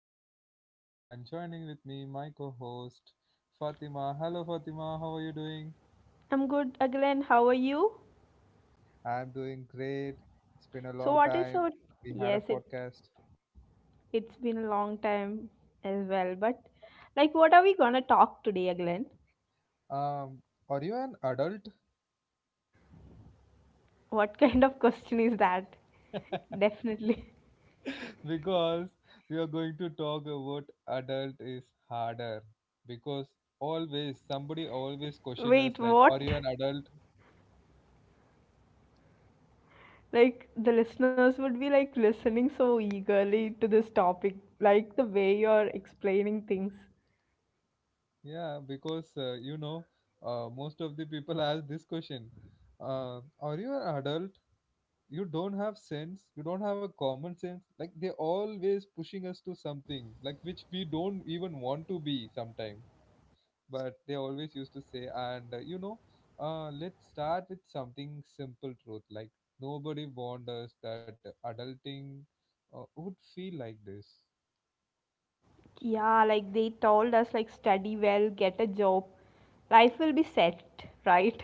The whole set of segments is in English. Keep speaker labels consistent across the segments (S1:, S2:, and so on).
S1: your host Aglan and joining with me my co-host Fatima. Hello Fatima, how are you doing?
S2: I'm good, Aglen. How are you?
S1: I'm doing great. It's been a
S2: So,
S1: long
S2: what is
S1: time.
S2: our?
S1: We had a
S2: Yes, it
S1: podcast.
S2: it's been a long time as well. But like, what are we gonna talk today, Aglen?
S1: Um are you an adult?
S2: What kind of question is that? Definitely.
S1: Because we are going to talk about adult is harder because always somebody always question us
S2: Wait,
S1: like are
S2: what?
S1: you an adult.
S2: Like the listeners would be like listening so eagerly to this topic, like the way you're explaining things.
S1: Yeah, because most of the people ask this question. Are you an adult? You don't have sense. You don't have a common sense. Like they always pushing us to something, like which we don't even want to be sometime. But they always used to say, and let's start with something simple truth. Like nobody warned us that adulting would feel like this.
S2: Yeah, like they told us, like study well, get a job, life will be set, right?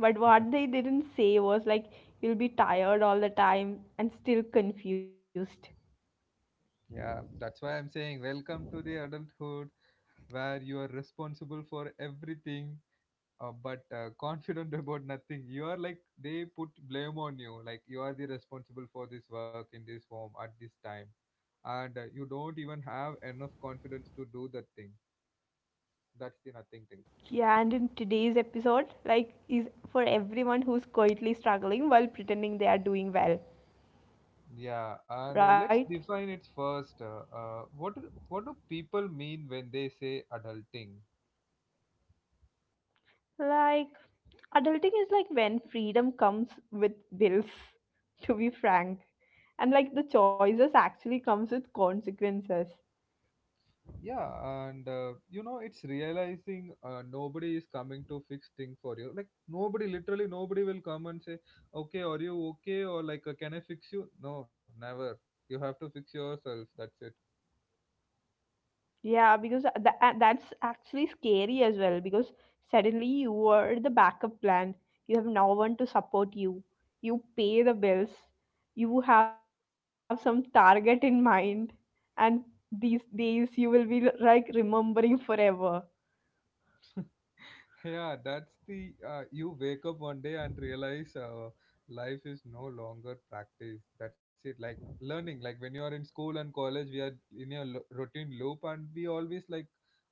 S2: But
S1: Yeah,
S2: what they didn't say was like you'll be tired all the time and still confused.
S1: yeah, that's why I'm saying welcome to the adulthood, where you are responsible for everything, but confident about nothing. You are like they put blame on you like you are the responsible for this work in this form at this time, and you don't even have enough confidence to do that thing. That's the nothing thing.
S2: Yeah, and in today's episode, like is for everyone who's quietly struggling while pretending they are doing well,
S1: Yeah,
S2: right?
S1: and let's define it first. What do people mean when they say adulting?
S2: Like adulting is like when freedom comes with bills, to be frank. And like the choices actually comes with consequences.
S1: Yeah, and it's realizing nobody is coming to fix thing for you. Like nobody, literally nobody will come and say, "Okay, are you okay?" Or like, "Can I fix you?" No, never. You have to fix yourself. That's it.
S2: Yeah, because that's actually scary as well. Because suddenly you are the backup plan. You have no one to support you. You pay the bills. You have some target in mind, and these days you will be like remembering forever.
S1: Yeah, that's the you wake up one day and realize life is no longer practice. That's it. Like learning, like when you are in school and college, we are in a routine loop, and we always like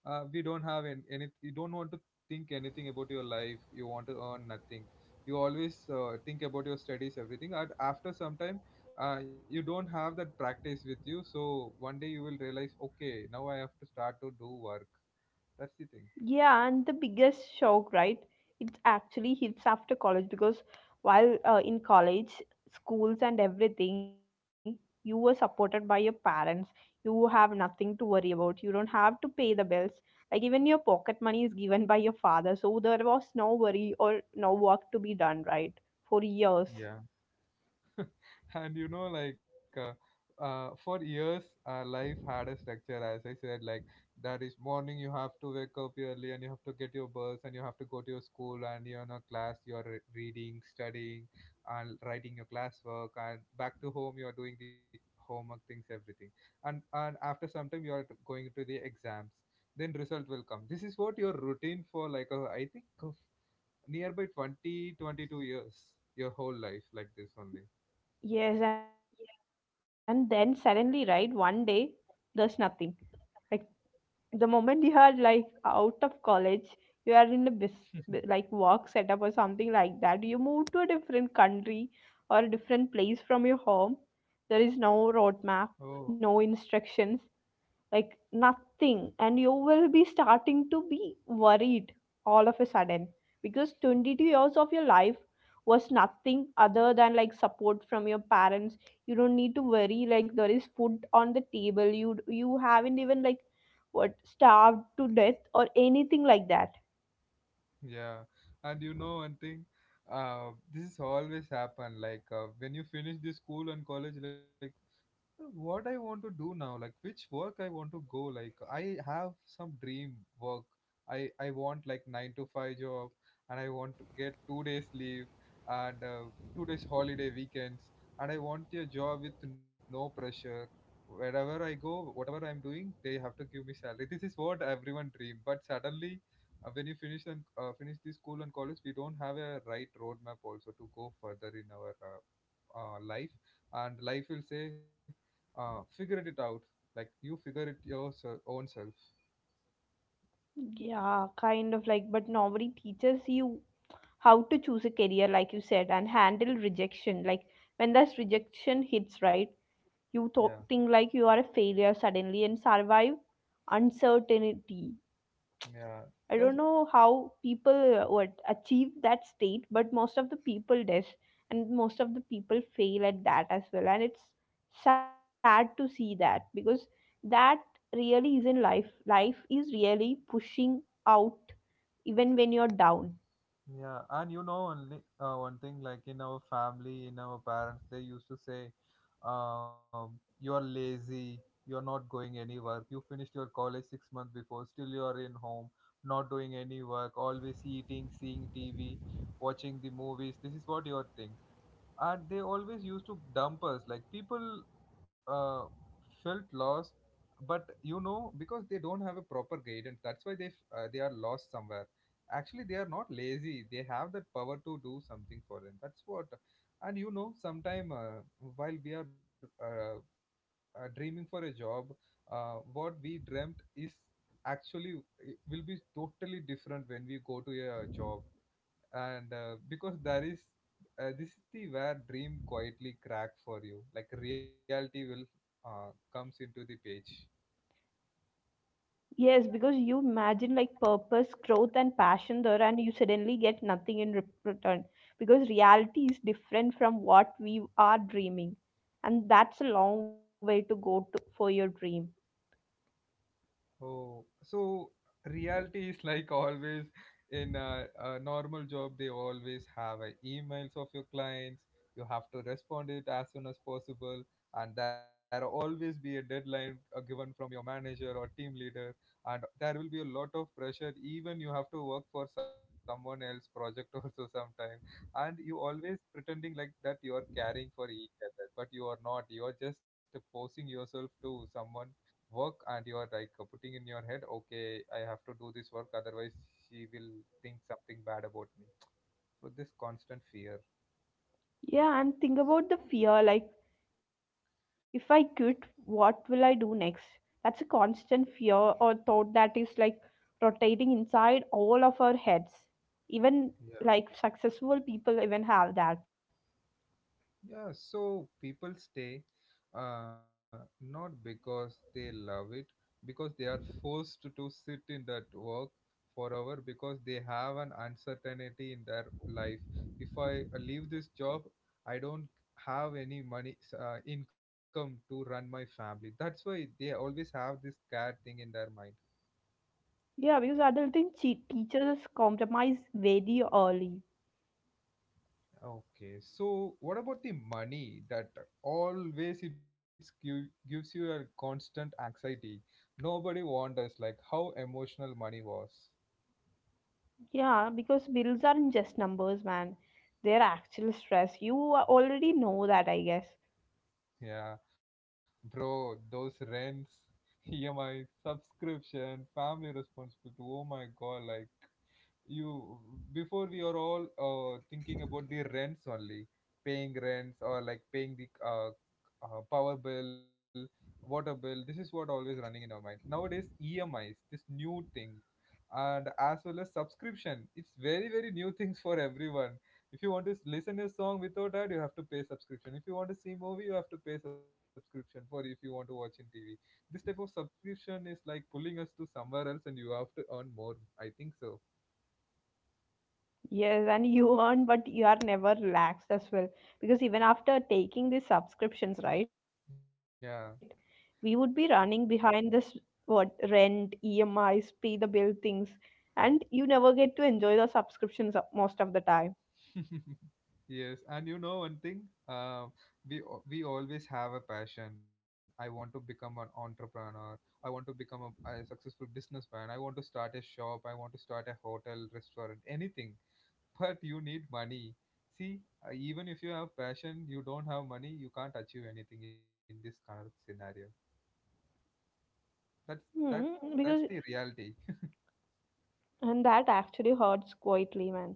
S1: we don't have an any. You don't want to think anything about your life. You want to earn nothing. You always think about your studies, everything. And after some time, you don't have that practice with you. So one day you will realize, okay, now I have to start to do work. That's the thing.
S2: Yeah, and the biggest shock, right? It actually hits after college because while in college, schools and everything, you were supported by your parents. You have nothing to worry about. You don't have to pay the bills. Like even your pocket money is given by your father, so there was no worry or no work to be done, right? For years.
S1: And you know like for years our life had a structure, as I said. Like that is morning you have to wake up early and you have to get your bus and you have to go to your school, and you're in a class you're reading, studying, and writing your classwork, and back to home you're doing the homework things, everything. And after some time you're going to the exams, then result will come. This is what your routine for like, I think of nearby 20, 22 years. Your whole life like this only.
S2: Yes, and then suddenly, right, one day there's nothing. Like the moment you are like out of college, you are in a like work setup or something like that. You move to a different country or a different place from your home. There is no roadmap,
S1: Oh.
S2: no instructions, like nothing, and you will be starting to be worried all of a sudden, because 22 years of your life was nothing other than like support from your parents. You don't need to worry, like there is food on the table. You haven't even like what, starved to death or anything like that.
S1: Yeah, and you know one thing, this always happen. Like when you finish the school and college, like what I want to do now, like which work I want to go, like I have some dream work. I want like 9 to 5 job, and I want to get 2 days leave and 2 days holiday weekends, and I want a job with no pressure. Wherever I go, whatever I'm doing, they have to give me salary. This is what everyone dream. But suddenly, when you finish and finish the school and college, we don't have a right roadmap also to go further in our life. And life will say, figure it out. Like you figure it your own self.
S2: Yeah, kind of like, but nobody teaches you how to choose a career, like you said, and handle rejection. Like when that rejection hits, right?
S1: Yeah
S2: You talk, think like you are a failure suddenly, and survive uncertainty.
S1: yeah
S2: I
S1: that's
S2: don't know how people would achieve that state, but most of the people does, and most of the people fail at that as well. And it's sad to see that, because that really isn't life. Life is really pushing out even when you're down.
S1: yeah And you know only one thing. Like in our family, in our parents, they used to say, you're lazy, you're not going any work, you finished your college 6 months before, still you're in home, not doing any work, always eating, seeing tv, watching the movies. This is what your thing. And they always used to dump us like people felt lost. But you know, because they don't have a proper guidance, that's why they are lost somewhere. Actually they are not lazy, they have that power to do something for them. That's what. And you know sometime, while we are dreaming for a job, what we dreamt is actually it will be totally different when we go to a job. And because there is, this is the where dream quietly crack for you. Like reality will comes into the page.
S2: Yes, because you imagine like purpose, growth, and passion there, and you suddenly get nothing in return, because reality is different from what we are dreaming, and that's a long way to go to, for your dream.
S1: Oh, so reality is like always in a normal job, they always have a emails of your clients. You have to respond it as soon as possible, and there always be a deadline given from your manager or team leader, and there will be a lot of pressure. Even you have to work for someone else project also sometime, and you always pretending like that you are caring for each other, but you are not. You are just forcing yourself to someone work, and you are like, putting in your head, okay, I have to do this work, otherwise she will think something bad about me. So this constant fear.
S2: Yeah, and think about the fear like, if I quit, what will I do next? That's a constant fear or thought that is like rotating inside all of our heads. Even like successful people even have that.
S1: Yeah, so people stay, uh, not because they love it, because they are forced to sit in that work forever because they have an uncertainty in their life. If I leave this job, I don't have any money income to run my family. That's why they always have this cat thing in their mind.
S2: Yeah, because adulting teaches us compromise very early.
S1: Okay, so what about the money that always gives you a constant anxiety? Nobody wonders like how emotional money was.
S2: Yeah, because bills aren't just numbers, man. They're actual stress. You already know that, I guess.
S1: Yeah, bro, those rents, EMI, subscription, family responsibility. Oh my god, like you, before we are all thinking about the rents only, paying rents, or like paying the power bill, water bill. This is what always running in our mind nowadays. EMIs this new thing, and as well as subscription, it's very very new things for everyone. If you want to listen a song without ad, you have to pay subscription. If you want to see movie, you have to pay subscription for. If you want to watch in tv, this type of subscription is like pulling us to somewhere else, and you have to earn more, I think so.
S2: Yes, and you earn, but you are never relaxed as well. Because even after taking these subscriptions, right,
S1: Yeah.
S2: we would be running behind this what rent, EMIs, pay the bill things, and you never get to enjoy the subscriptions most of the time.
S1: Yes, and you know one thing, uh, we always have a passion. I want to become an entrepreneur. I want to become a successful businessman. I want to start a shop. I want to start a hotel, restaurant, anything. But you need money. See, even if you have passion, you don't have money, you can't achieve anything in this kind of scenario. That's
S2: Hmm,
S1: that
S2: because.
S1: that's the reality.
S2: And that actually hurts quietly, man.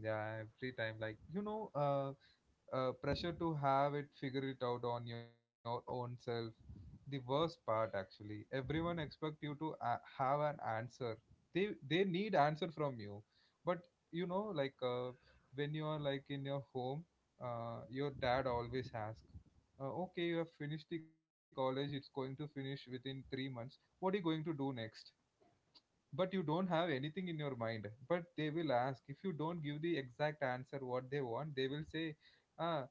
S1: Yeah, free time. Like you know, pressure to have it figure it out on your own self. The worst part, actually everyone expect you to have an answer. They need answer from you. But you know like when you are like in your home, your dad always asks, okay, you have finished the college, it's going to finish within 3 months, what are you going to do next? But you don't have anything in your mind. But they will ask, if you don't give the exact answer what they want, they will say, ah,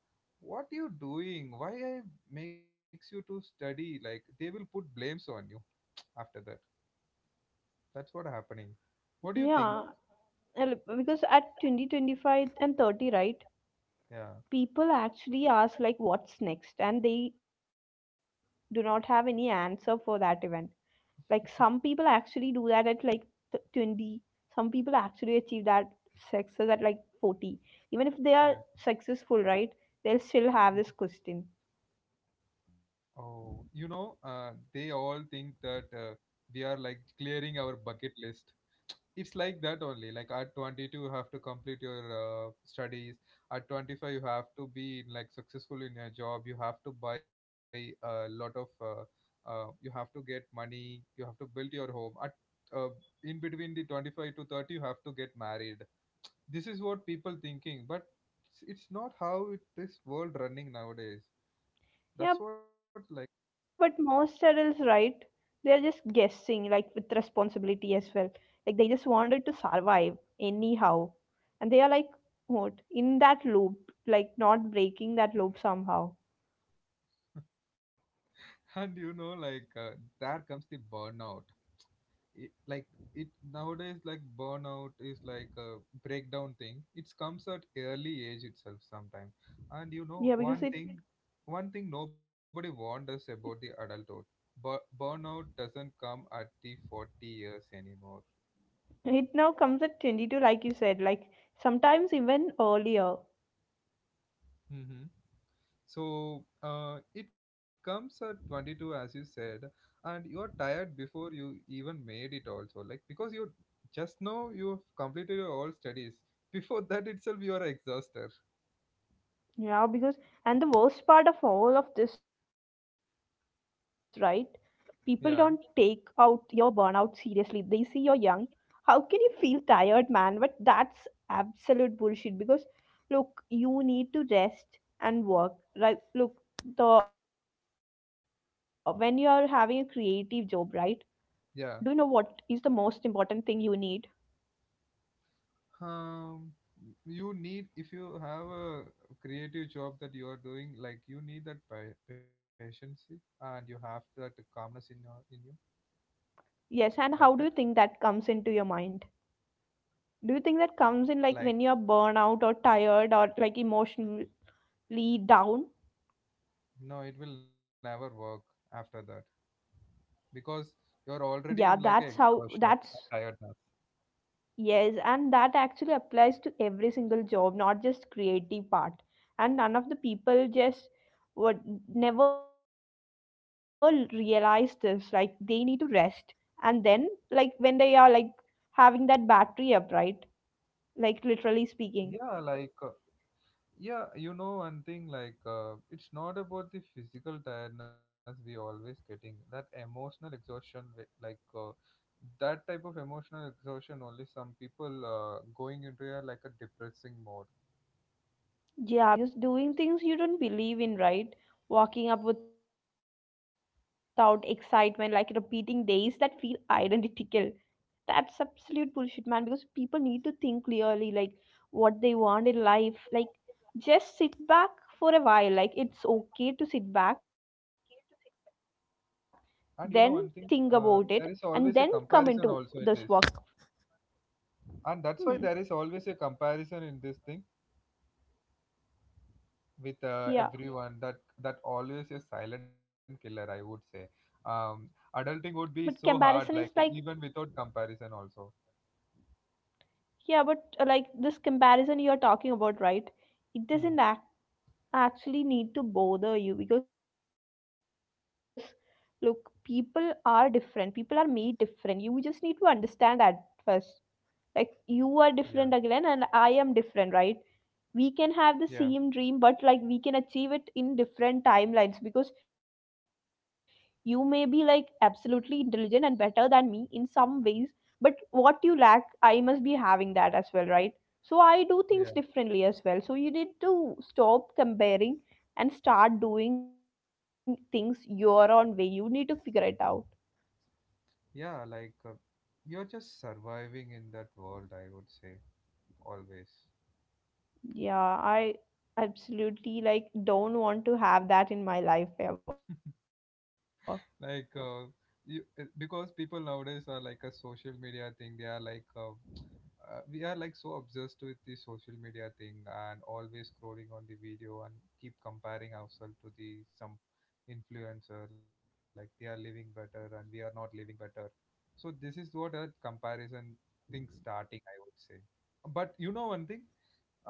S1: what you doing, why I makes you to study, like they will put blames on you after that. That's what happening.
S2: Yeah,
S1: What do you think?
S2: and because at 20, 25, and 30, right,
S1: yeah
S2: people actually ask like what's next, and they do not have any answer for that event. Like some people actually do that at like 20. Some people actually achieve that success at like 40. Even if they are
S1: yeah
S2: successful, right, they'll still have this question.
S1: Oh, you know, they all think that we are like clearing our bucket list. It's like that only, like at 22 you have to complete your studies, at 25 you have to be like successful in your job, you have to buy a lot of you have to get money, you have to build your home, at uh, in between the 25 to 30 you have to get married. This is what people thinking, but it's not how it, this world running nowadays. That's what like.
S2: Yeah, but most adults, right? They're just guessing, like with responsibility as well. Like they just wanted to survive anyhow. And they are like, what? In that loop, like not breaking that loop somehow.
S1: And you know like there comes the burnout. It, like it nowadays like burnout is like a breakdown thing. It comes at early age itself sometimes. And you know one
S2: Yeah,
S1: thing,
S2: because it
S1: one thing nobody warned us about the adulthood. But burnout doesn't come at the 40 years anymore.
S2: it now comes at 22, like you said, like sometimes even earlier.
S1: Hmm. So it comes at 22 as you said, and you are tired before you even made it also. Like because you, just now you've completed your all studies, before that itself you are exhausted.
S2: Yeah, because, and the worst part of all of this, right? People don't take out your
S1: yeah
S2: burnout seriously. They see you're young, how can you feel tired, man? But that's absolute bullshit, because look, you need to rest and work. Like look, the when you are having a creative job, right, do you know what
S1: yeah
S2: is the most important thing you need?
S1: um, you need, if you have a creative job that you are doing, like you need that patience, and you have that calmness in your, in you.
S2: Yes, and how do you
S1: Like
S2: think
S1: that
S2: that comes into your mind? Do you think that comes in like
S1: like
S2: when you're burnout or tired or like emotionally down?
S1: No, it will never work after that,
S2: Yeah,
S1: because
S2: that's
S1: you're
S2: how,
S1: already in like a
S2: that's.
S1: exhaustion and tiredness.
S2: Yes, and that actually applies to every single job, not just creative part. And none of the people just would never realize this. Like they need to rest, and then like when they are like having that battery up, right? Like literally speaking,
S1: Yeah, like yeah, you know, one thing like it's not about the physical tiredness. We always getting that emotional exhaustion, that type of emotional exhaustion. Only some people going into a like a depressing mode.
S2: yeah, just doing things you don't believe in, right? Walking up without excitement, like repeating days that feel identical, that's absolute bullshit, man, because people need to think clearly like what they want in life. Like just sit back for a while. Like it's okay to sit back, then think about it,
S1: And you
S2: and
S1: know, one
S2: then
S1: thing
S2: come into
S1: there is
S2: this
S1: always
S2: work.
S1: a comparison also in this,
S2: Hmm.
S1: and that's why there is always a comparison in this thing, with
S2: Yeah,
S1: everyone. That always a silent killer, I would say. um
S2: but
S1: Adulting
S2: comparison
S1: would
S2: is
S1: be
S2: like.
S1: so hard, like even without comparison also.
S2: Yeah, but like this comparison you're talking about, right, it doesn't
S1: hmm
S2: actually need to bother you, because look, people are different. People are made different. You just need to understand that first. Like you are different again
S1: yeah,
S2: and I am different, right? We can have the
S1: yeah,
S2: same dream, but like we can achieve it in different timelines, because you may be like absolutely intelligent and better than me in some ways, but what you lack, I must be having that as well, right? So I do things
S1: yeah,
S2: differently as well, so you need to stop comparing and start doing things your own way. You need to figure it out.
S1: yeah, like you're just surviving in that world, I would say, always.
S2: Yeah, I absolutely like don't want to have that in my life ever.
S1: Like you because people nowadays are like a social media thing. They are like we are like so obsessed with the social media thing and always scrolling on the video and keep comparing ourselves to the some influencer, like they are living better and we are not living better. So this is what a comparison thing starting, I would say. But you know, one thing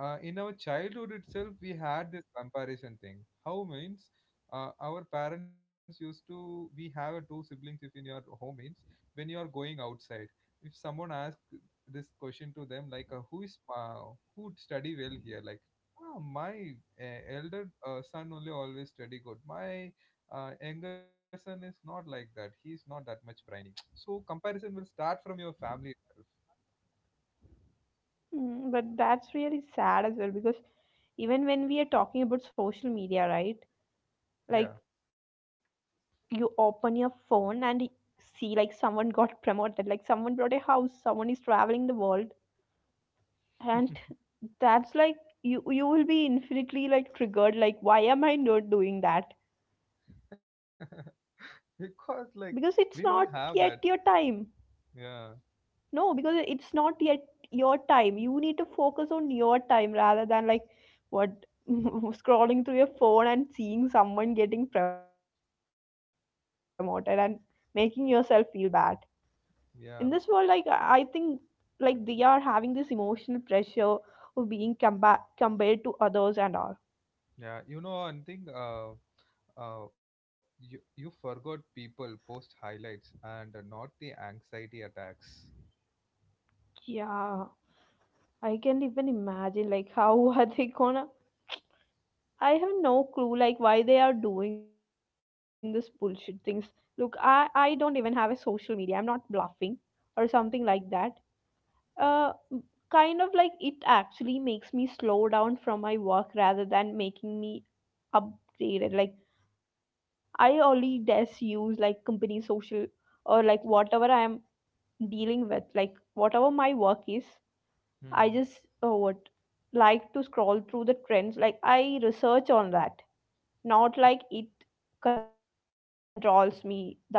S1: in our childhood itself we had this comparison thing. How means our parents used to we have a two siblings. If in your home means, when you are going outside, if someone asks this question to them, like who is who study well here, like, ah, my elder son only always study good. My younger son is not like that, he's not that much brainy so comparison will start from your family itself.
S2: Mm, but that's really sad as well, because even when we are talking about social media, right? Like
S1: Yeah,
S2: you open your phone and see like someone got promoted, like someone bought a house, someone is traveling the world, and that's like, you will be infinitely like triggered. Like why am I not doing that? Because it's not
S1: because
S2: yet
S1: like
S2: your
S1: we
S2: time.
S1: don't have that.
S2: No,
S1: Yeah,
S2: because it's not yet your time. You need to focus on your time rather than like what scrolling through your phone and seeing someone getting promoted and making yourself feel bad. In this world, like
S1: yeah,
S2: I think like they are having this emotional pressure of being compared to others and all.
S1: yeah. You know, one thing, uh, you forgot people post highlights and not the anxiety attacks.
S2: Yeah, I can't even imagine like how are they gonna, I have no clue like why they are doing this bullshit things. Look, I don't even have a social media. I'm not bluffing or something like that. Uh m- Kind of like it actually makes me slow down from my work rather than making me upgraded. Like I only just use like company social or like whatever I am dealing with, like whatever my work is, I
S1: Hmm.
S2: just what like to scroll through the trends. Like I research on that, not like it controls me the other way around.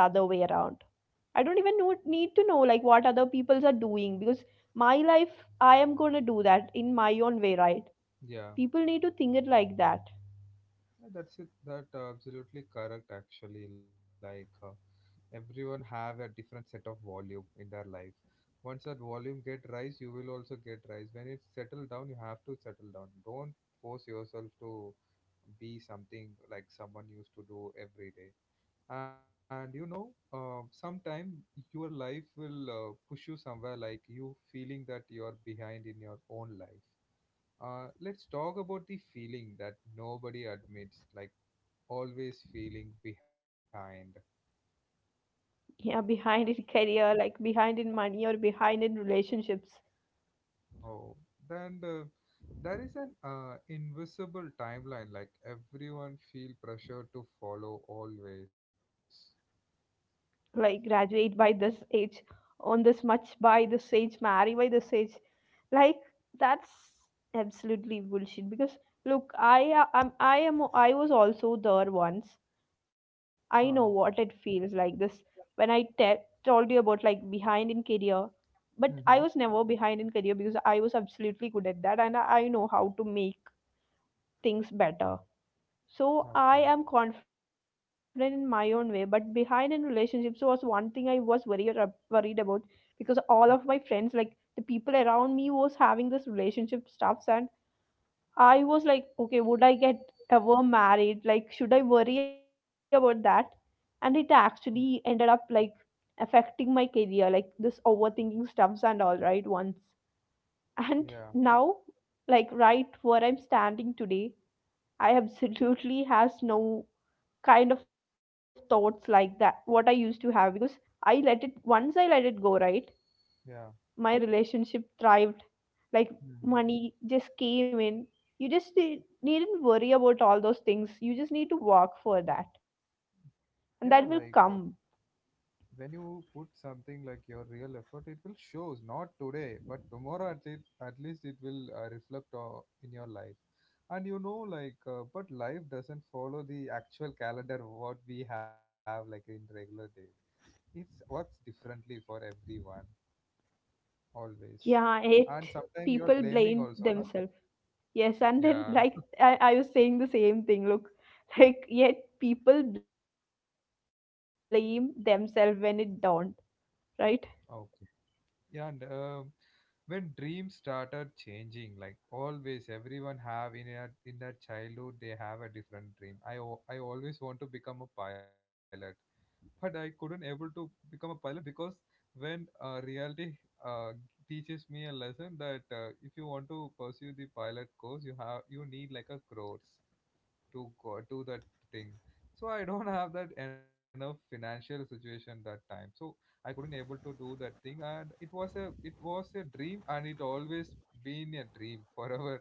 S2: I don't even know, need to know like what other peoples are doing, because my life I am going to do that in my own way, right?
S1: Yeah.
S2: People need to think it like that.
S1: Yeah, that's it. That absolutely correct. Actually, like everyone have a different set of volume in their life. Once that volume get rise, you will also get rise. When it settle down, you have to settle down. Don't force yourself to be something like someone used to do every day. And you know sometime your life will push you somewhere, like you feeling that you're behind in your own life. Let's talk about the feeling that nobody admits, like always feeling behind.
S2: Yeah, behind in career, like behind in money or behind in relationships.
S1: Oh, then there is an invisible timeline, like everyone feel pressure to follow always.
S2: Like graduate by this age, on this much by this age, marry by this age, like that's absolutely bullshit, because look, I was also there once. I know
S1: Huh.
S2: what it feels like this. When told you about like behind in career, but I was
S1: Mm-hmm.
S2: never behind in career, because I was absolutely good at that, and I know how to make things better. So I
S1: Okay.
S2: am confident in my own way, but behind in relationships was one thing I was worried worried about, because all of my friends, like the people around me, was having this relationship stuffs, and I was like, okay, would I get ever married? Like, should I worry about that? And it actually
S1: Mm.
S2: ended up like affecting my career, like this overthinking stuffs and all right once. And
S1: Yeah.
S2: now, like right where I'm standing today, I absolutely has no kind of thoughts like that what I used to have because I let it, once I let it go, right?
S1: Yeah.
S2: My relationship thrived, like
S1: Mm-hmm.
S2: money just came in. You needn't worry about all those things, you just need to work for that and that will
S1: Yeah, like
S2: come.
S1: when you put something like your real effort, it will shows. Not today, but tomorrow at least. At least it will reflect in your life. And you know, like, but life doesn't follow the actual calendar what we have, like in regular day. It works differently for everyone always.
S2: Yeah,
S1: And
S2: it,
S1: sometimes you're
S2: people
S1: blaming
S2: blame
S1: also, no?
S2: themselves. Yes, and then
S1: Yeah.
S2: like I was saying the same thing. Look, like yet people blame themselves when it don't, right?
S1: Okay. Yeah, and when dreams started changing, like always, everyone have in their childhood they have a different dream. I always want to become a pilot, but I couldn't able to become a pilot because when reality uh, teaches me a lesson that if you want to pursue the pilot course, you have you need like a crores to go do that thing. So I don't have that enough financial situation that time. So I couldn't able to do that thing. And it was a dream, and it always been a dream forever.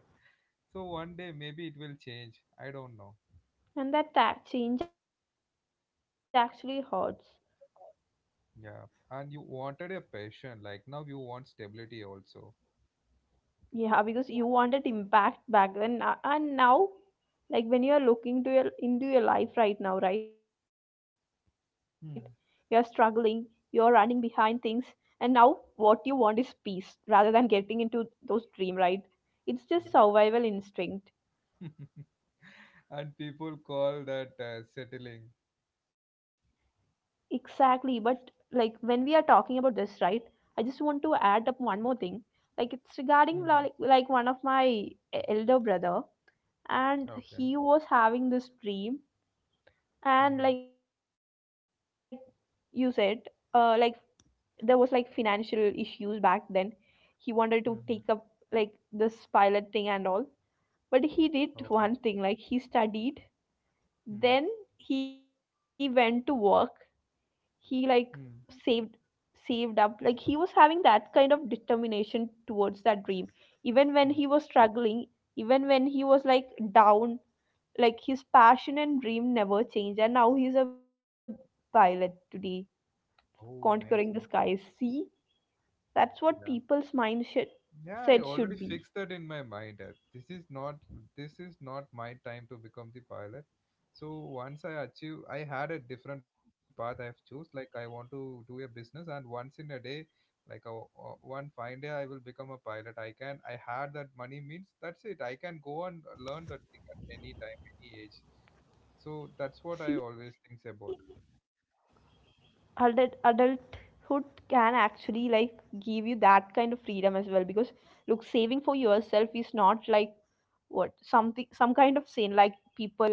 S1: So one day maybe it will change, I don't know.
S2: And that change actually hurts.
S1: Yeah. And you wanted a passion, like now you want stability also.
S2: Yeah, because you wanted impact back then and now, like when you are looking to your into your life right now, right, you're struggling,
S1: Hmm.
S2: you're running behind things, and now what you want is peace rather than getting into those dream, right? It's just
S1: Mm.
S2: survival instinct.
S1: And people call that settling.
S2: Exactly, but like when we are talking about this, right, I just want to add up one more thing. Like it's regarding
S1: Hmm.
S2: like one of my e-, elder brother, and
S1: Okay.
S2: he was having this dream. And
S1: Hmm.
S2: like you said, uh like there was like financial issues back then, he wanted to take up
S1: Hmm.
S2: like this pilot thing and all. But he did one
S1: Oh.
S2: thing, like he studied, then he went to work, he like
S1: Hmm.
S2: saved saved up. Like he was having that kind of determination towards that dream, even when he was struggling, even when he was like down. Like his passion and dream never changed, and now he's a pilot today,
S1: Oh, nice,
S2: conquering the
S1: nice.
S2: skies. See, that's what
S1: Yeah.
S2: people's mind should,
S1: Yeah, I
S2: said
S1: already
S2: should
S1: fixed
S2: be.
S1: that in my mind. That this is not my time to become the pilot. So once I achieve, I had a different path I have choose. Like I want to do a business, and once in a day, like a, one fine day, I will become a pilot. I can. I had that money means that's it. I can go and learn that thing at any time, any age. So that's what I
S2: See,
S1: always thinks about.
S2: adulthood can actually like give you that kind of freedom as well, because look, saving for yourself is not like what, something, some kind of sin like people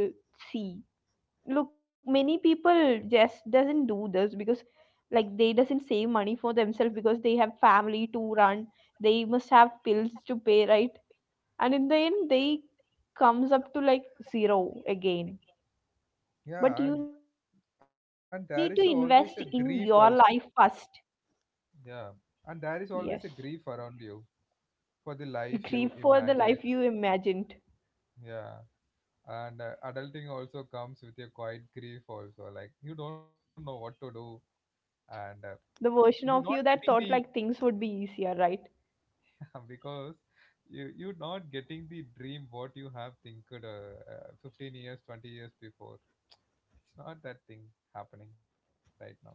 S2: see. Look, many people just doesn't do this because like they doesn't save money for themselves because they have family to run. They must have bills to pay, right? And in the end they comes up to like zero again. But
S1: Yeah,
S2: you
S1: and
S2: need to invest
S1: and there
S2: in
S1: is
S2: your
S1: always
S2: life
S1: a grief
S2: first.
S1: also. Yeah. And
S2: Yes.
S1: there is always a grief around you for the
S2: grieve
S1: life you
S2: for the life
S1: imagine.
S2: you imagined,
S1: Yeah. And adulting also comes with a quiet grief, also. Like, you don't know what to do. And
S2: the version of you
S1: you're
S2: that
S1: not
S2: thought
S1: getting
S2: like
S1: the,
S2: things would be easier, right?
S1: because you're not getting the dream what you have think 15 years, 20 years before. It's not that thing happening right now. That's why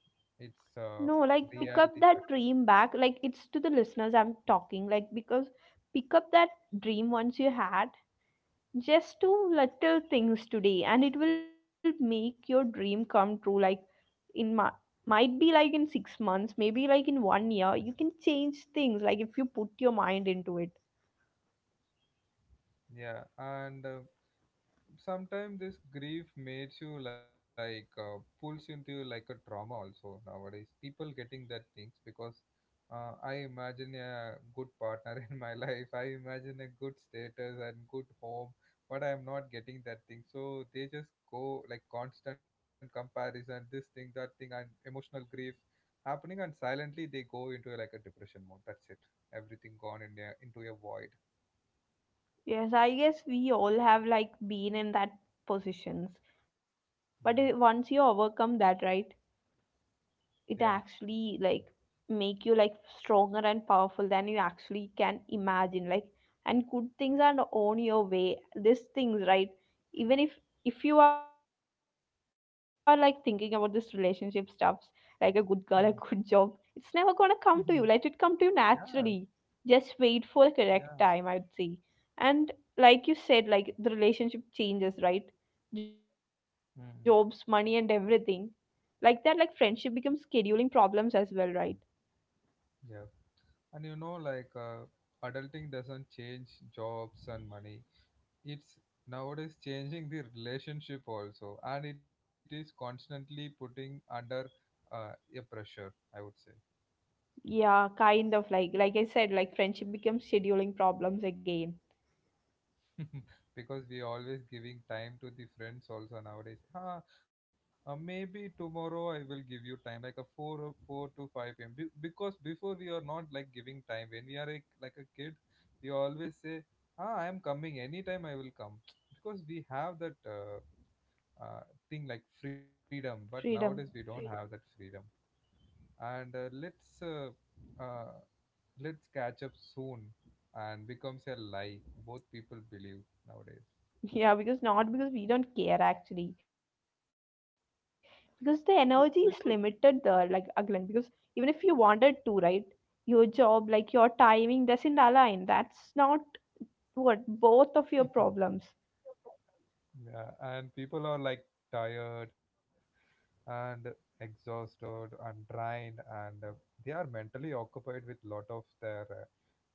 S1: it's
S2: No, like pick up
S1: reality
S2: that
S1: sucks.
S2: dream back. Like it's to the listeners I'm talking, like because pick up that dream once you had. Just do little things today and it will make your dream come true. Like in my, might be like in 6 months, maybe like in one year, you can change things like if you put your mind into it.
S1: Yeah. And sometimes this grief makes you like pulls into you like a trauma also. Nowadays people getting that things because I imagine a good partner in my life, I imagine a good status and good home, but I am not getting that thing. So they just go like constant comparison, this thing that thing, and emotional grief happening, and silently they go into like a depression mode. That's it. Everything gone in a, into a void.
S2: Yes, I guess we all have like been in that positions. But
S1: Yeah.
S2: once you overcome that, right,
S1: Yeah.
S2: it actually like make you like stronger and powerful than you actually can imagine. Like and good things are on your way, these things, right? Even if you are like thinking about this relationship stuffs, like a good girl, a good job,
S1: Mhm.
S2: it's never gonna come to you. Let it come to you
S1: Mhm.
S2: naturally.
S1: Yeah.
S2: Just wait for the correct time,
S1: Yeah.
S2: I'd say. And like you said, like the relationship changes, right? Jobs, money, and
S1: Mm,
S2: everything. Like that, like friendship becomes scheduling problems as well, right?
S1: yeah. And you know, like adulting doesn't change jobs and money. It's nowadays changing the relationship also, and it is constantly putting under a pressure, I would say.
S2: Yeah, kind of like I said, like friendship becomes scheduling problems again.
S1: Because we always giving time to the friends also nowadays. Ah, maybe tomorrow I will give you time, like a 4 or 4 to 5 p.m. Because before we are not like giving time. When we are like a kid, we always say, "Ah, I am coming anytime. I will come," because we have that thing like freedom.
S2: Freedom.
S1: But nowadays we don't have that freedom. And uh, let's catch up soon, and becomes a lie. Both people believe nowadays.
S2: Yeah, because not because we don't care actually, because the energy is limited there,
S1: Because.
S2: like again because even if you wanted to, right, your job, like your timing doesn't align, that's not what, both of your problems.
S1: Yeah, and people are like tired and exhausted and drained, and they are mentally occupied with lot of their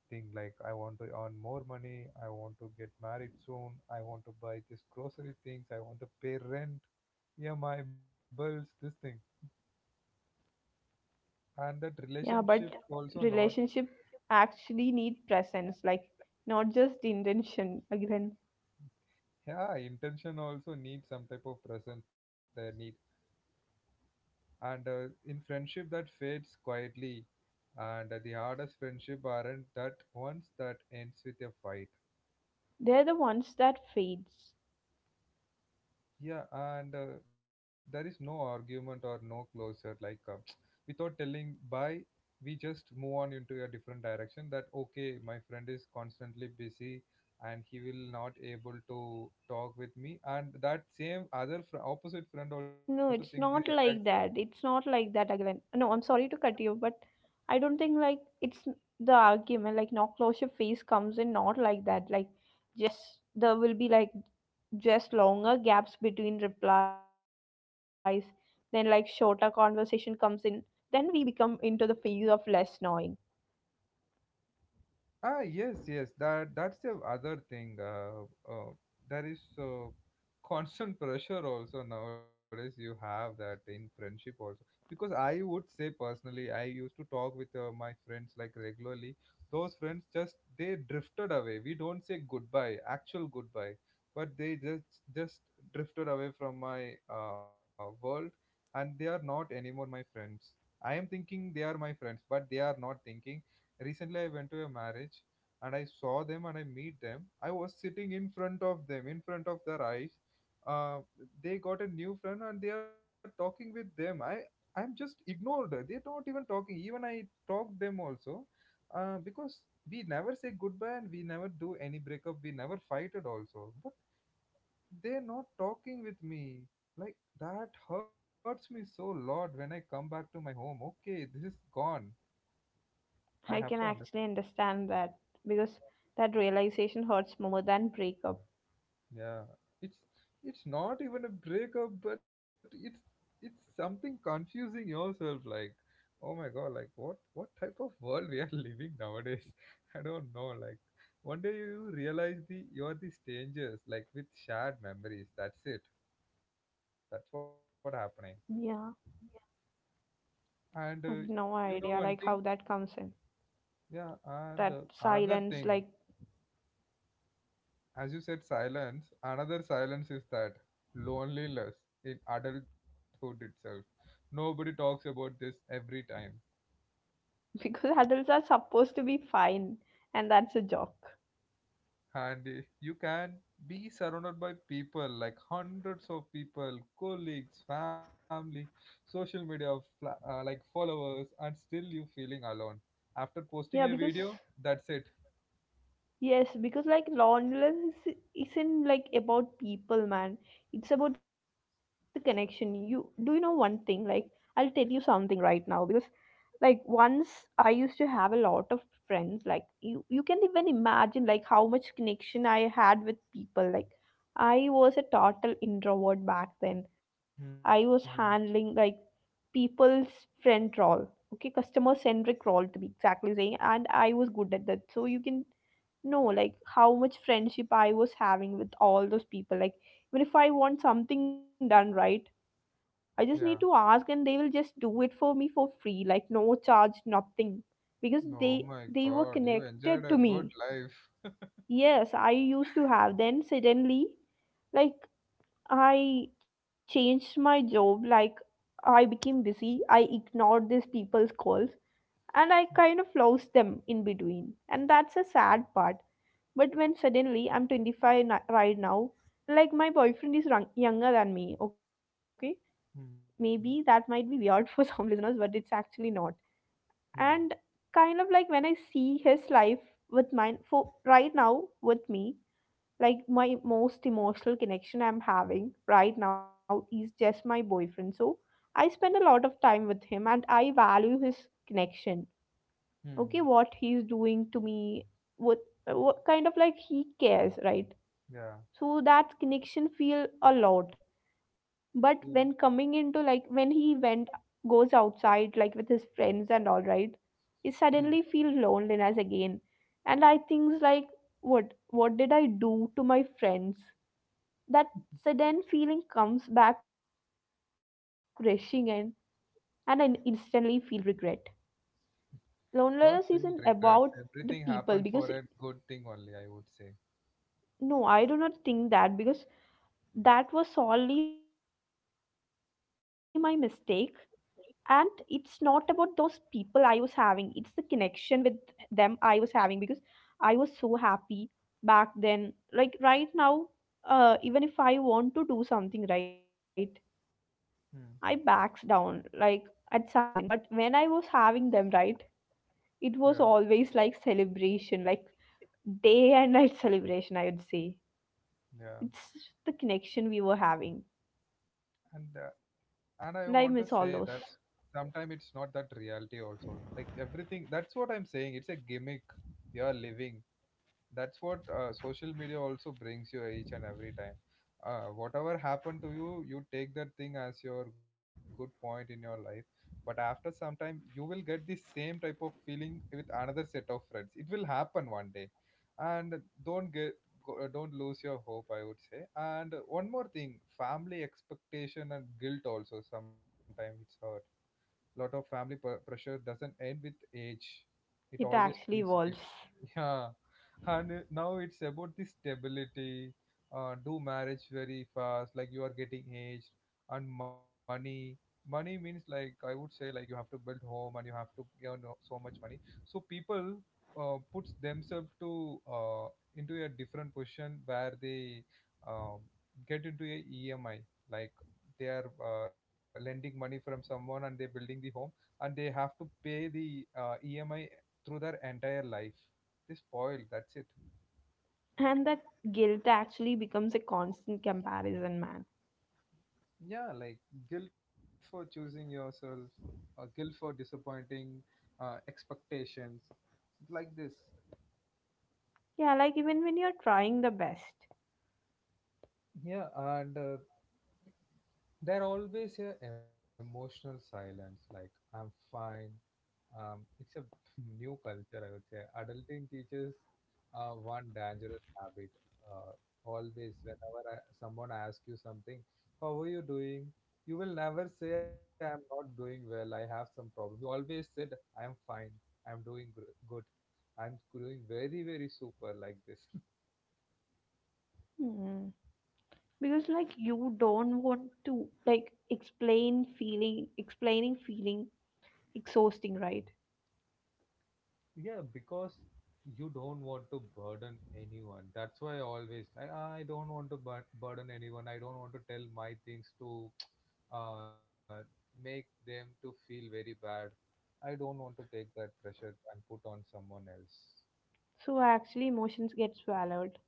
S1: thing, like I want to earn more money, I want to get married soon, I want to buy this grocery things, I want to pay rent, yeah, my bills, this thing,
S2: Yeah,
S1: and that
S2: but
S1: relationship
S2: relationship
S1: also not.
S2: actually need presence, like not just intention again.
S1: Yeah, intention also needs some type of presence, they need. And in friendship that fades quietly. And the hardest friendship aren't that ones that ends with a fight.
S2: They're the ones that fades.
S1: Yeah. And there is no argument or no closure, like without telling bye, we just move on into a different direction. That okay, my friend is constantly busy and he will not able to talk with me, and that same other opposite friend also think
S2: No,
S1: the
S2: it's
S1: exact
S2: not
S1: same.
S2: like that. It's not like that, Agalan. No, I'm sorry to cut you, but I don't think like it's n-, the argument like no closure phase comes in not like that. Like just, there will be like just longer gaps between replies, then like shorter conversation comes in. Then we become into the phase of less knowing.
S1: Ah, yes, yes. That's the other thing. Uh, there is constant pressure also nowadays. You have that in friendship also. Because I would say, personally, I used to talk with my friends like regularly. Those friends just they drifted away. We don't say goodbye, actual goodbye, but they just drifted away from my world, and they are not anymore my friends. I am thinking they are my friends, but they are not thinking. Recently I went to a marriage, and I saw them and I meet them. I was sitting in front of them, in front of their eyes. uh, they got a new friend and they are talking with them. I I'm just ignored. They're not even talking. Even I talked them also because we never say goodbye and we never do any breakup, we never fighted also. But they're not talking with me. Like that hurts me so lot. When I come back to my home, okay, this is gone.
S2: I
S1: I
S2: can
S1: have to
S2: actually
S1: understand.
S2: understand that because that realization hurts more than breakup.
S1: Yeah, it's it's not even a breakup, but it's something confusing yourself. Like, oh my god, like what type of world we are living nowadays? I don't know. Like, one day you realize the you are the strangers, like with shared memories. That's it. That's what happening.
S2: Yeah.
S1: And
S2: I've no
S1: you know,
S2: idea like
S1: one
S2: how
S1: thing,
S2: that comes in.
S1: yeah. And
S2: That
S1: another
S2: silence,
S1: thing,
S2: like
S1: as you said, silence, another silence is that loneliness in adulthood itself. Nobody talks about this every time.
S2: because adults are supposed to be fine, and that's a joke.
S1: And you can be surrounded by people, like hundreds of people, colleagues, family, social media, like followers, and still you feeling alone. After
S2: Yeah,
S1: posting a
S2: because,
S1: video, that's it.
S2: yes, because like loneliness isn't like about people, man. It's about the connection. You, do you know one thing? Like I'll tell you something right now because like once I used to have a lot of friends. Like you can even imagine like how much connection I had with people. Like I was a total introvert back then. I was
S1: Mm-hmm.
S2: handling like people's friend role, okay, customer centric role to be exactly saying, and I was good at that, so you can no like how much friendship I was having with all those people. Like even if I want something done, right, I just
S1: Yeah.
S2: need to ask and they will just do it for me for free, like no charge, nothing, because they
S1: Oh my
S2: they were
S1: God, you
S2: connected
S1: enjoyed a
S2: to
S1: good
S2: me.
S1: life.
S2: Yes, I used to have. Then suddenly, like I changed my job, like I became busy, I ignored these people's calls, and I kind of lost them in between, and that's a sad part. But when suddenly I'm 25 right now, like my boyfriend is younger than me, okay? Maybe
S1: Mm-hmm.
S2: that might be weird for some listeners, but it's actually not. And kind of like when I see his life with mine, for right now with me, like my most emotional connection I'm having right now is just my boyfriend. So I spend a lot of time with him and I value his connection, okay?
S1: Hmm.
S2: What he's doing to me, what, what kind of like he cares, right?
S1: Yeah.
S2: So that connection feel a lot. But when
S1: Yeah.
S2: coming into like when he went, goes outside like with his friends and all, right, he suddenly feel loneliness again. And I things like, what did I do to my friends? That sudden feeling comes back rushing in, and I instantly feel regret. Loneliness
S1: Don't
S2: isn't
S1: feel
S2: about
S1: regret.
S2: the
S1: Everything
S2: people
S1: happened
S2: because,
S1: for a good thing only, I would say.
S2: no, I do not think that because that was solely my mistake. And it's not about those people I was having, it's the connection with them I was having because I was so happy back then. Like right now, even if I want to do something, right,
S1: Hmm.
S2: I backs down like at some point. But when I was having them, right, it was
S1: Yeah,
S2: always like celebration, like day and night, celebration, I would say.
S1: yeah.
S2: It's the connection we were having,
S1: And
S2: and
S1: I
S2: I
S1: want
S2: miss
S1: to
S2: all
S1: say
S2: those.
S1: that sometimes it's not that reality also, like everything, that's what I'm saying, it's a gimmick we are living. That's what social media also brings you each and every time. Whatever happened to you, you take that thing as your good point in your life. But after some time you will get the same type of feeling with another set of friends. It will happen one day. And don't get go, don't lose your hope, I would say. And one more thing, family expectation and guilt also sometimes it's hurt. Lot of pressure doesn't end with age, it
S2: It
S1: always brings
S2: actually
S1: guilt.
S2: evolves.
S1: Yeah, and now it's about the stability. Do marriage very fast, like you are getting aged, and money. Money means, like I would say, like you have to build home and you have to earn so much money. So people puts themselves to into a different position where they um, get into a EMI, like they are lending money from someone, and they're building the home, and they have to pay the EMI through their entire life. They spoil, that's it.
S2: And that guilt actually becomes a constant comparison, man.
S1: Yeah, like guilt for choosing yourself, or guilt for disappointing expectations like this.
S2: Yeah, like even when you're trying the best.
S1: Yeah, and they're always a emotional silence, like I'm fine. It's a new culture, I would say. Adulting teaches one dangerous habit. Uh, whenever someone asks you something, how are you doing? You will never say, I'm not doing well, I have some problem. You always said, I'm fine, I'm good, I'm doing very, very super like this.
S2: Hmm. Because like you don't want to like explain feeling, explaining feeling exhausting, right?
S1: Yeah, because you don't want to burden anyone. That's why I always, like, I don't want to burden anyone. I don't want to tell my things to uh, make them to feel very bad. I don't want to take that pressure and put on someone else.
S2: So actually emotions get swallowed.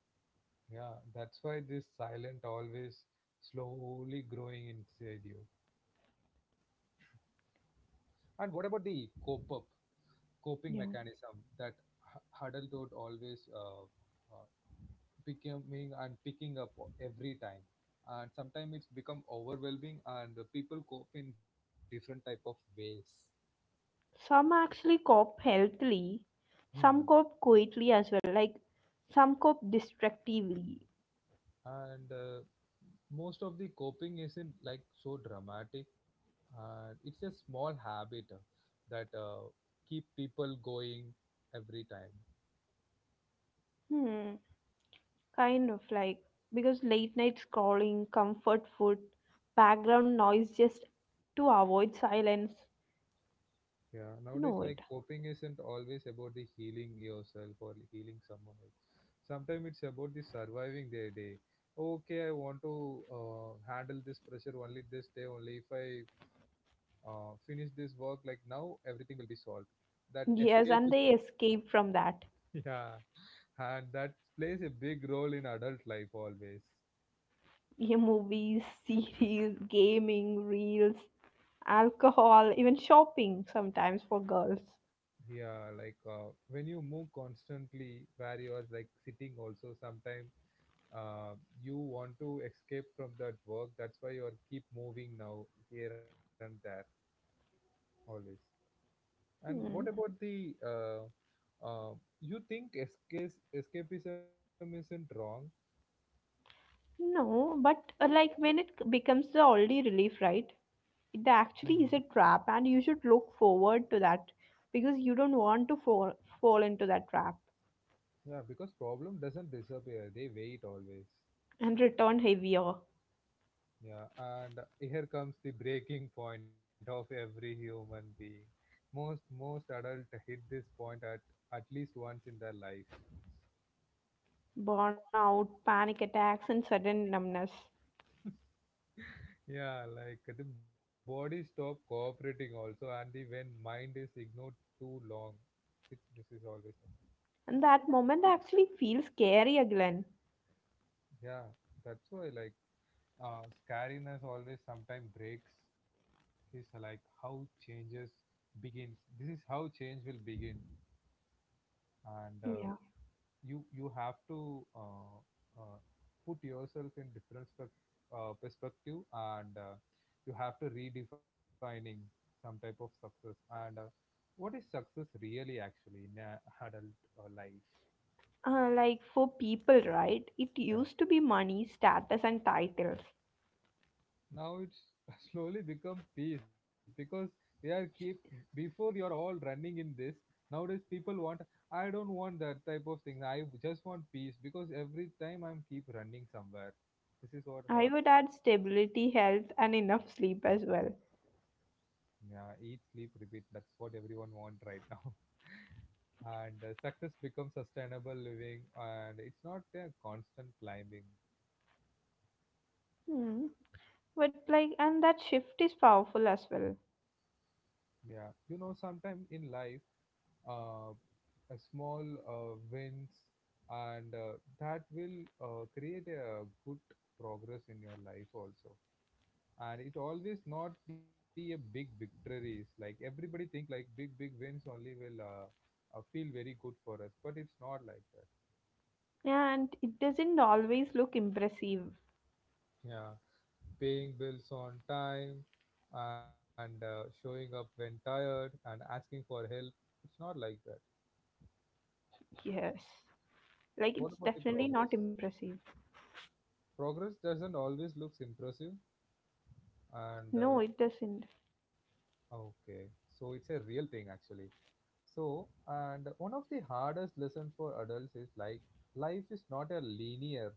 S1: Yeah, that's why this silent always slowly growing inside you. And what about the cope up
S2: Yeah.
S1: coping mechanism that adulthood always uh, becoming and picking up every time, and sometimes it's become overwhelming, and people cope in different type of ways.
S2: Some actually cope healthily, some
S1: Mhm.
S2: cope quietly as well, like some cope destructively.
S1: And most of the coping isn't like so dramatic, and it's a small habit that keep people going every time.
S2: Hmm. Kind of like, because late night scrolling, comfort food, background noise just to avoid silence.
S1: Yeah, nowadays,
S2: You
S1: like
S2: know it.
S1: coping isn't always about the healing yourself or healing someone else. Sometimes it's about the surviving their day. Okay, I want to handle this pressure only this day. Only if I finish this work, like now, everything will be solved. That
S2: Yes, and
S1: escapism,
S2: they escape from that.
S1: yeah, and that plays a big role in adult life always.
S2: Yeah, movies, series, gaming, reels, alcohol, even shopping sometimes for girls.
S1: Yeah, like when you move constantly, where you are like sitting also, sometimes uh, you want to escape from that work. That's why you are keep moving now here and there always. And what
S2: Hmm.
S1: about the uh, you think escape escapism isn't wrong?
S2: No, but like when it becomes the only relief, right? It
S1: Hmm.
S2: actually is a trap and you should look forward to that because you don't want to fall into that trap
S1: Yeah, because problem doesn't disappear, they wait always.
S2: and return heavier.
S1: Yeah, and here comes the breaking point of every human being. Most adults hit this point at least once in their life.
S2: Burnout, panic attacks, and sudden numbness.
S1: Yeah, like the body stop cooperating also, and the when mind is ignored too long, this is always happen.
S2: And that moment actually feels scary again.
S1: Yeah, that's why, like, scariness always sometimes breaks. Is like how changes begins. This is how change will begin, and
S2: Yeah.
S1: you have to uh, put yourself in different perspective, and you have to redefining some type of success, and what is success really actually in a adult life.
S2: Like for people, right? It
S1: Yeah.
S2: used to be money, status, and titles.
S1: Now it's slowly become peace, because we are keep, before we are all running in this, nowadays people want, I don't want that type of thing, I just want peace, because every time I'm keep running somewhere. This is what
S2: I
S1: hurt.
S2: would add stability, health, and enough sleep as well.
S1: Yeah, eat, sleep, repeat. That's what everyone want right now. And success becomes sustainable living, and it's not a constant climbing.
S2: Hmm. But like, and that shift is powerful as well.
S1: Yeah, you know, sometimes in life, uh, a small wins, and that will create a good progress in your life also. And it always not be a big victories. Like everybody think like big wins only will feel very good for us, but it's not like that.
S2: And it doesn't always look impressive.
S1: Yeah, paying bills on time, and showing up when tired and asking for help. It's not like that.
S2: Yes. Like,
S1: What
S2: it's
S1: about the
S2: definitely
S1: progress?
S2: not impressive.
S1: Progress doesn't always looks impressive, and
S2: No, it doesn't.
S1: okay, so it's a real thing actually. So, and one of the hardest lessons for adults is like life is not a linear.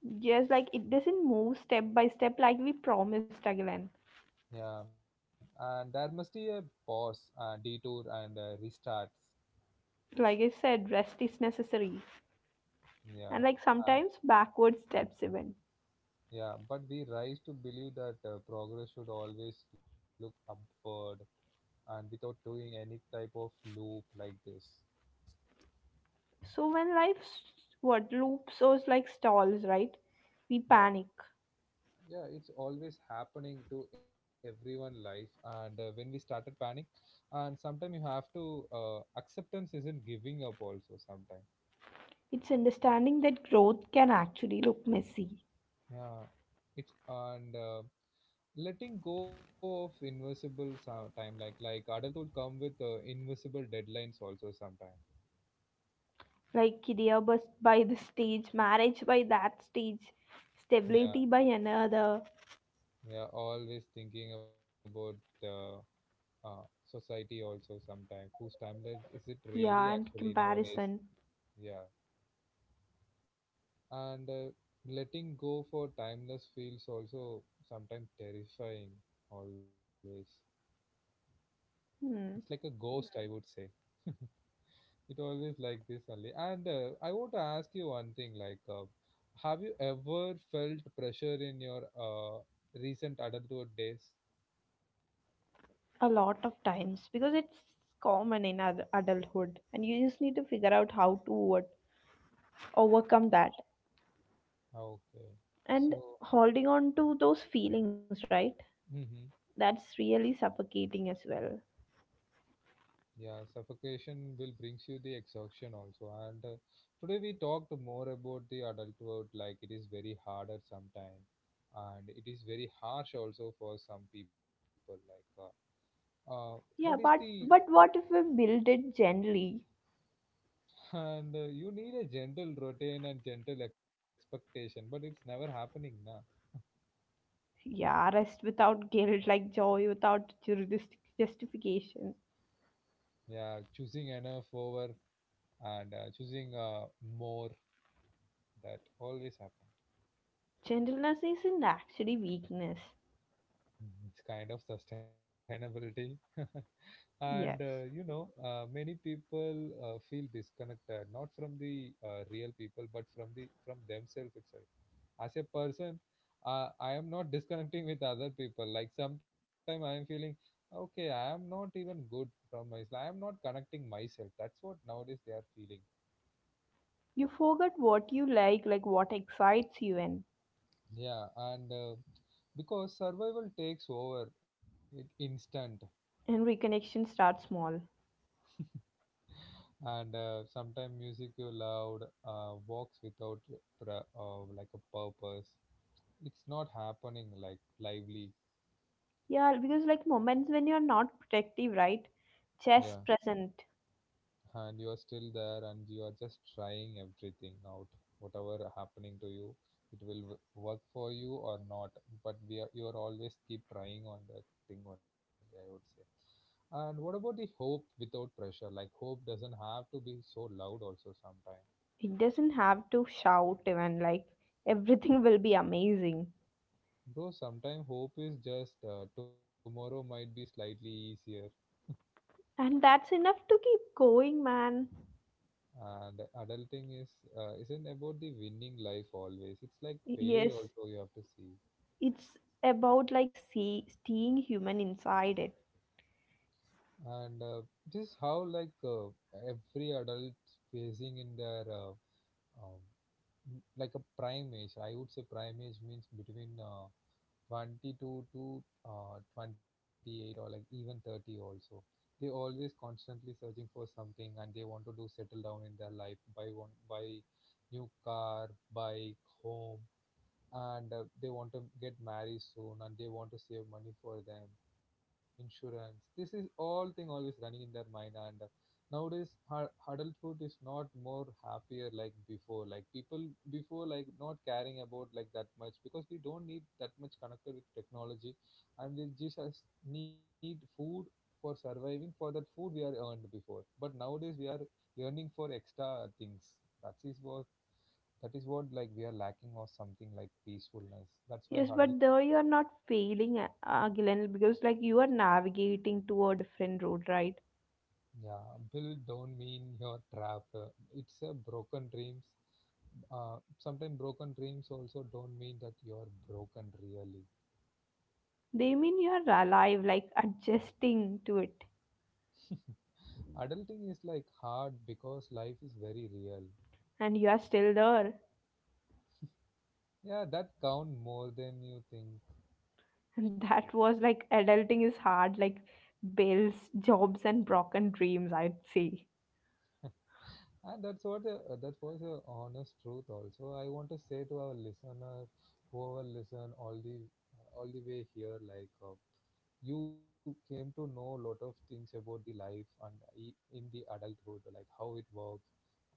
S2: Yes, like it doesn't move step by step like we promised again.
S1: Yeah, and there must be a pause and detour and restarts.
S2: Like I said, rest is necessary,
S1: Yeah.
S2: and like sometimes backward steps even.
S1: Yeah, but we rise to believe that progress should always look upward, and without doing any type of loop like this.
S2: So when life what loops or like stalls, right? We
S1: Yeah,
S2: panic.
S1: yeah, it's always happening to everyone life. And when we started panic, and sometimes you have to acceptance isn't giving up also sometimes.
S2: It's understanding that growth can actually look messy,
S1: Yeah, it's, and letting go of invisible time, like adulthood come with invisible deadlines also sometimes.
S2: like career bust by the stage, marriage by that stage, stability by another,
S1: Yeah, always thinking about uh, society also sometime. Whose timeline is it really
S2: yeah, and
S1: actually nowadays?
S2: comparison.
S1: Yeah, and letting go for timeless feels also sometimes terrifying. Always, it's
S2: Hmm.
S1: like a ghost, I would say. It always like this only. And I want to ask you one thing. Like, have you ever felt pressure in your recent adulthood days?
S2: A lot of times because it's common in adulthood and you just need to figure out how to what, overcome that.
S1: Ah, okay,
S2: And
S1: so.
S2: holding on to those feelings, right,
S1: Mhm.
S2: that's really suffocating as well.
S1: Yeah, suffocation will brings you the exhaustion also. And today we talked more about the adulthood, like it is very harder sometimes, and it is very harsh also for some people. Like, uh, uh, what is
S2: Yeah,
S1: the
S2: but what if we build it gently?
S1: and you need a gentle routine and gentle expectation, but it's never happening now.
S2: Yeah, rest without guilt, like joy without justification.
S1: Yeah, choosing enough over, and choosing more, that always happen.
S2: Gentleness isn't actually weakness.
S1: Mhm. It's kind of sustainability. and you
S2: Yes.
S1: know, many people feel disconnected not from the real people, but from the from themselves itself as a person. I am not disconnecting with other people, like sometimes I am feeling okay, I am not even good from myself, I am not connecting myself. That's what nowadays they are feeling.
S2: You forget what you like what excites you. and
S1: Yeah, and because survival takes over it instant,
S2: and reconnection starts small.
S1: and sometimes music you loved, walks without a like a purpose, it's not happening like lively.
S2: Yeah, because like moments when you're not protective, right?
S1: Yeah,
S2: Just present.
S1: and you are still there, and you are just trying everything out, whatever happening to you, it will work for you or not, but we are you are always keep trying on that thing only, I would say. And what about the hope without pressure? Like hope doesn't have to be so loud also sometimes.
S2: It doesn't have to shout even like everything will be amazing.
S1: Though sometimes hope is just tomorrow might be slightly easier,
S2: And that's enough to keep going, man.
S1: and adulting is isn't about the winning life always. It's like
S2: Y-
S1: failure
S2: yes,
S1: also you have to see,
S2: it's about like see, seeing human inside it.
S1: and this is how, like, every adult facing in their um, like a prime age. I would say prime age means between 22 to 28, or like even 30 also. They always constantly searching for something, and they want to do settle down in their life, buy one, buy new car, bike, home, and they want to get married soon, and they want to save money for them, insurance. This is all thing always running in their mind. And nowadays her adulthood is not more happier like before, like people before like not caring about like that much, because we don't need that much connected with technology, and we just as need food for surviving. For that food we are earned before, but nowadays we are yearning for extra things. That is what, like we are lacking or something, like peacefulness. That's why
S2: Yes,
S1: huddle.
S2: but though you're not failing again because like you are navigating to a different road, right?
S1: Yeah, build don't mean your trap. It's a broken dreams. Sometimes broken dreams also don't mean that you're broken really.
S2: They mean you're alive, like adjusting to it.
S1: Adulting is like hard because life is very real.
S2: And you are still there.
S1: Yeah, that count more than you think.
S2: And that was like adulting is hard, like bills, jobs, and broken dreams, I'd say.
S1: And that's what a, that was a honest truth. Also, I want to say to our listener, whoever listen all the way here, like you came to know a lot of things about the life, in the adulthood, like how it works.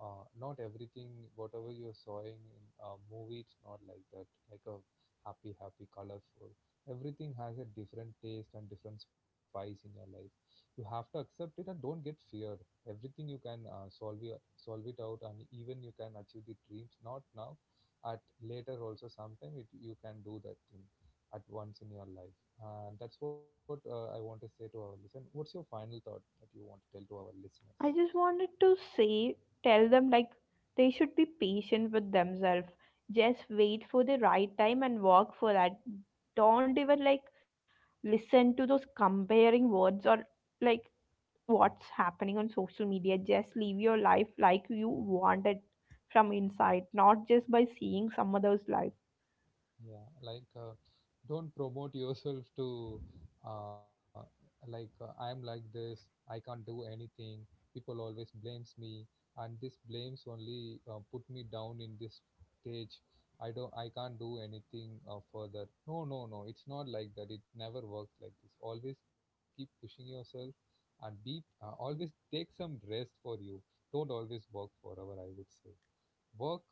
S1: Not everything, whatever you're sawing in a movie, it's not like that. Like a happy, happy, colorful. Everything has a different taste and different spice in your life. You have to accept it, and don't get fear. Everything you can solve it out, and even you can achieve the dreams, not now, at later also sometime it, you can do that thing at once in your life. And that's what I want to say to our listeners. What's your final thought that you want to tell to our listeners?
S2: I just wanted to say, tell them like they should be patient with themselves. Just wait for the right time and work for that. Don't even like listen to those comparing words or like what's happening on social media. Just live your life like you want it from inside, not just by seeing some other's life.
S1: Yeah, like don't promote yourself to uh, like, I'm like this, I can't do anything. People always blames me, and this blames only put me down in this stage. I can't do anything further. No, no, no. It's not like that. It never works like this. Always keep pushing yourself, and be always take some rest for you. Don't always work forever. I would say work,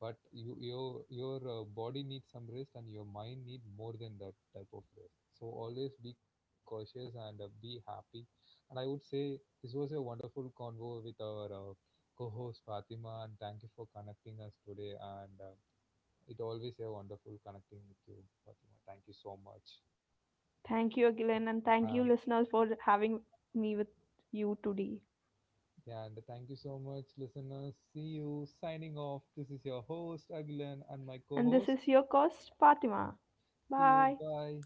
S1: but your body needs some rest, and your mind need more than that type of rest. So always be cautious and be happy. And I would say this was a wonderful convo with our co-host Fatima, and thank you for connecting us today. And it always a wonderful connecting with you, Fatima. Thank you so much.
S2: Thank you, Gillian, and
S1: And
S2: thank you, listeners, for having me with you today.
S1: yeah, and thank you so much, listeners. See you. Signing off. This is your host, Agilan, and my co
S2: And this
S1: host.
S2: is your host, Fatima.
S1: See you.
S2: Bye.
S1: Bye.